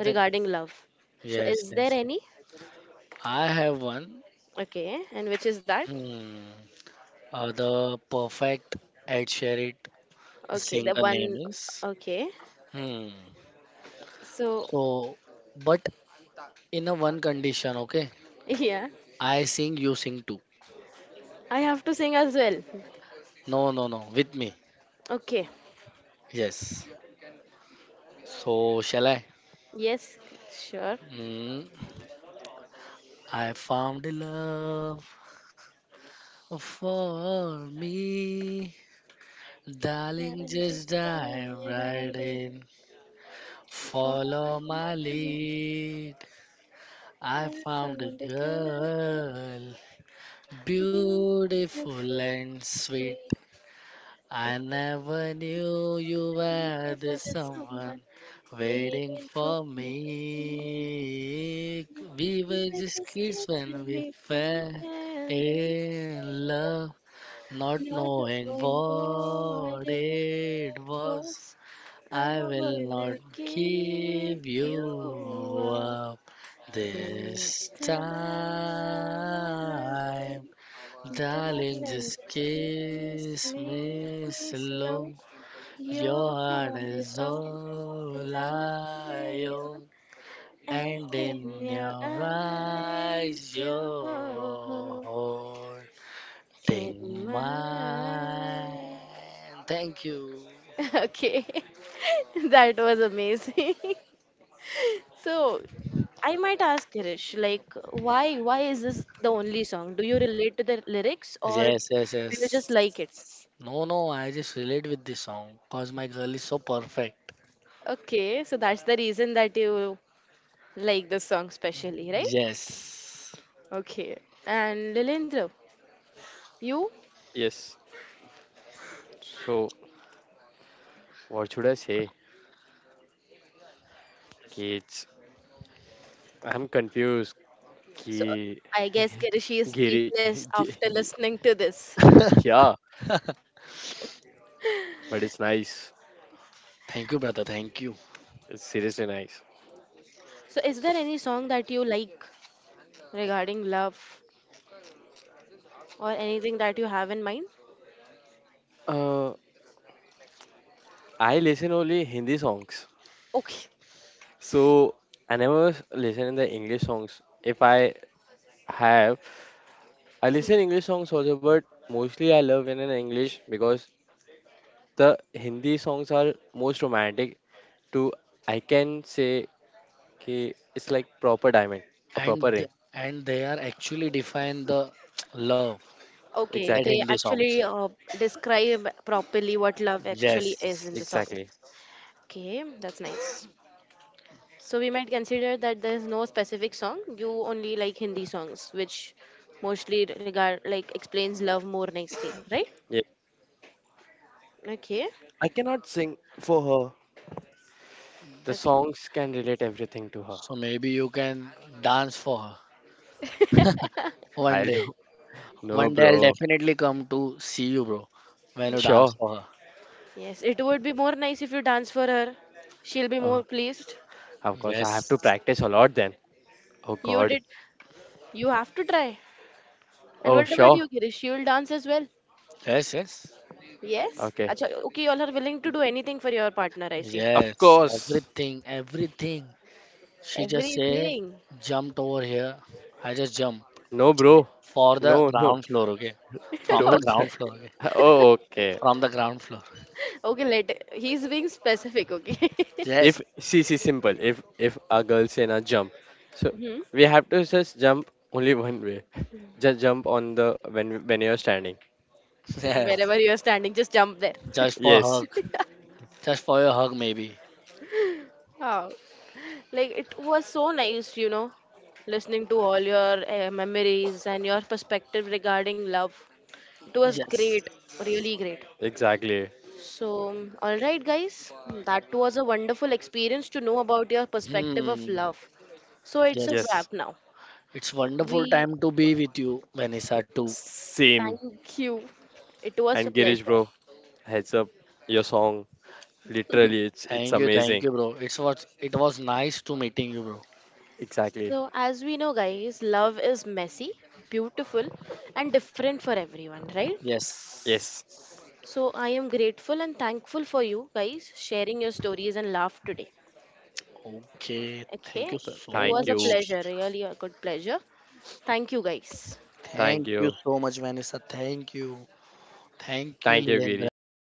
That. love. So, Yes. is there Yes. any? I have one. Okay, and which is that? Hmm. The perfect, Ed Sheeran. The Okay, the singer name one. is. Okay, Hmm. so So, but in a one condition, okay? yeah, I sing, you sing too. I have to sing as well. No, no, no. With me. Okay, Yes. So, shall I? yes, sure. Hmm. I found love for me. Darling, just Challenges dive I right riding, in. follow Follow my my lead, lead. I I found a found a girl. girl, Beautiful, beautiful and sweet. sweet, and I never knew you you were the were the someone someone waiting waiting for for me. me. We We were were just just kids kids when when we we fell in fell love, in love, not not knowing knowing what what it it was. was. I I will not wanna give give you you up up this this time. time. Darling, Darling, just just kiss kiss me me slow. slow. Your Your heart heart is is all I own, all I own, and and in in your your eyes, eyes, your you're home holding in mine. mine. Thank you. Okay, that was amazing. So I might ask Girish, like, why is this the only song? Do you relate to the lyrics or Yes, yes, yes. do you just like it? No, no, I just relate with this song because my girl is so perfect. Okay, so that's the reason that you like the song specially, right? Yes. Okay. And Lilendra, you? Yes. So what should I say, kids, I'm confused, ki So I guess Kirishi is giri speechless gi- after listening to this. yeah, but it's nice. Thank you, brother. Thank you. It's seriously nice. So is there any song that you like regarding love or anything that you have in mind? Uh, I listen only Hindi songs, Okay. so I never listen in the English songs. If I have, I listen English songs also, but mostly I love in an English because the Hindi songs are most romantic. To, I can say ki it's like proper diamond, a proper And ring. And they are actually define the love Okay, that Exactly, they Hindi songs. actually describe properly what love actually is in the Yes. songs. exactly. Okay, that's nice. So we might consider that there's no specific song. You only like Hindi songs, which mostly regard like explains love more nicely, right? Yeah, Okay. I cannot sing for her. The Okay. songs can relate everything to her. So maybe you can dance for her I one day. don't know, One day I'll bro. definitely come to see you, bro, when you dance Sure. for her. Yes, it would be more nice if you dance for her. She'll be Uh, more pleased. Of course, I have to Yes, practice a lot then. Oh You God. did. You have to try. And Oh, what about you, sure. Girish? You'll dance as well. yes, yes, Yes. Okay. Acha, okay, you all are willing to do anything for your partner, I see. Of yes. course. Everything, everything. She just say Everything. jumped over here. I just jump No, bro. for the No, no. ground floor, okay? From the Don't. Okay. ground floor, okay? Oh, okay. From the ground floor. Okay, let he's being specific, okay. Yes, If see, see, simple. If a girl say na jump, so Hmm. we have to just jump only one way. Just jump on the when you're standing. yes. Wherever you are standing, just jump there. Just for Yes, hug, just for your hug, maybe. Oh, like it was so nice, you know, listening to all your memories and your perspective regarding love. It was Yes. great, really great. exactly. So, all right, guys, that was a wonderful experience to know about your perspective of Hmm. love. So, it's a Yes. Yes, wrap now. It's wonderful We time to be with you, Vanessa too. same. thank you. It was a And Girish, pleasure. bro, heads up. Your song, literally, it's Thank amazing. you, bro. It was nice to meeting you, bro. Exactly. So, as we know, guys, love is messy, beautiful, and different for everyone, right? Yes. Yes. So I am grateful and thankful for you guys sharing your stories and laugh today. Okay. Thank you Okay, it so Thank was a much. you. pleasure, really a good pleasure. Thank you guys. Thank Thank you you. so much, Vanessa. Thank you. Thank you, Thank you, Lilendra. Girish.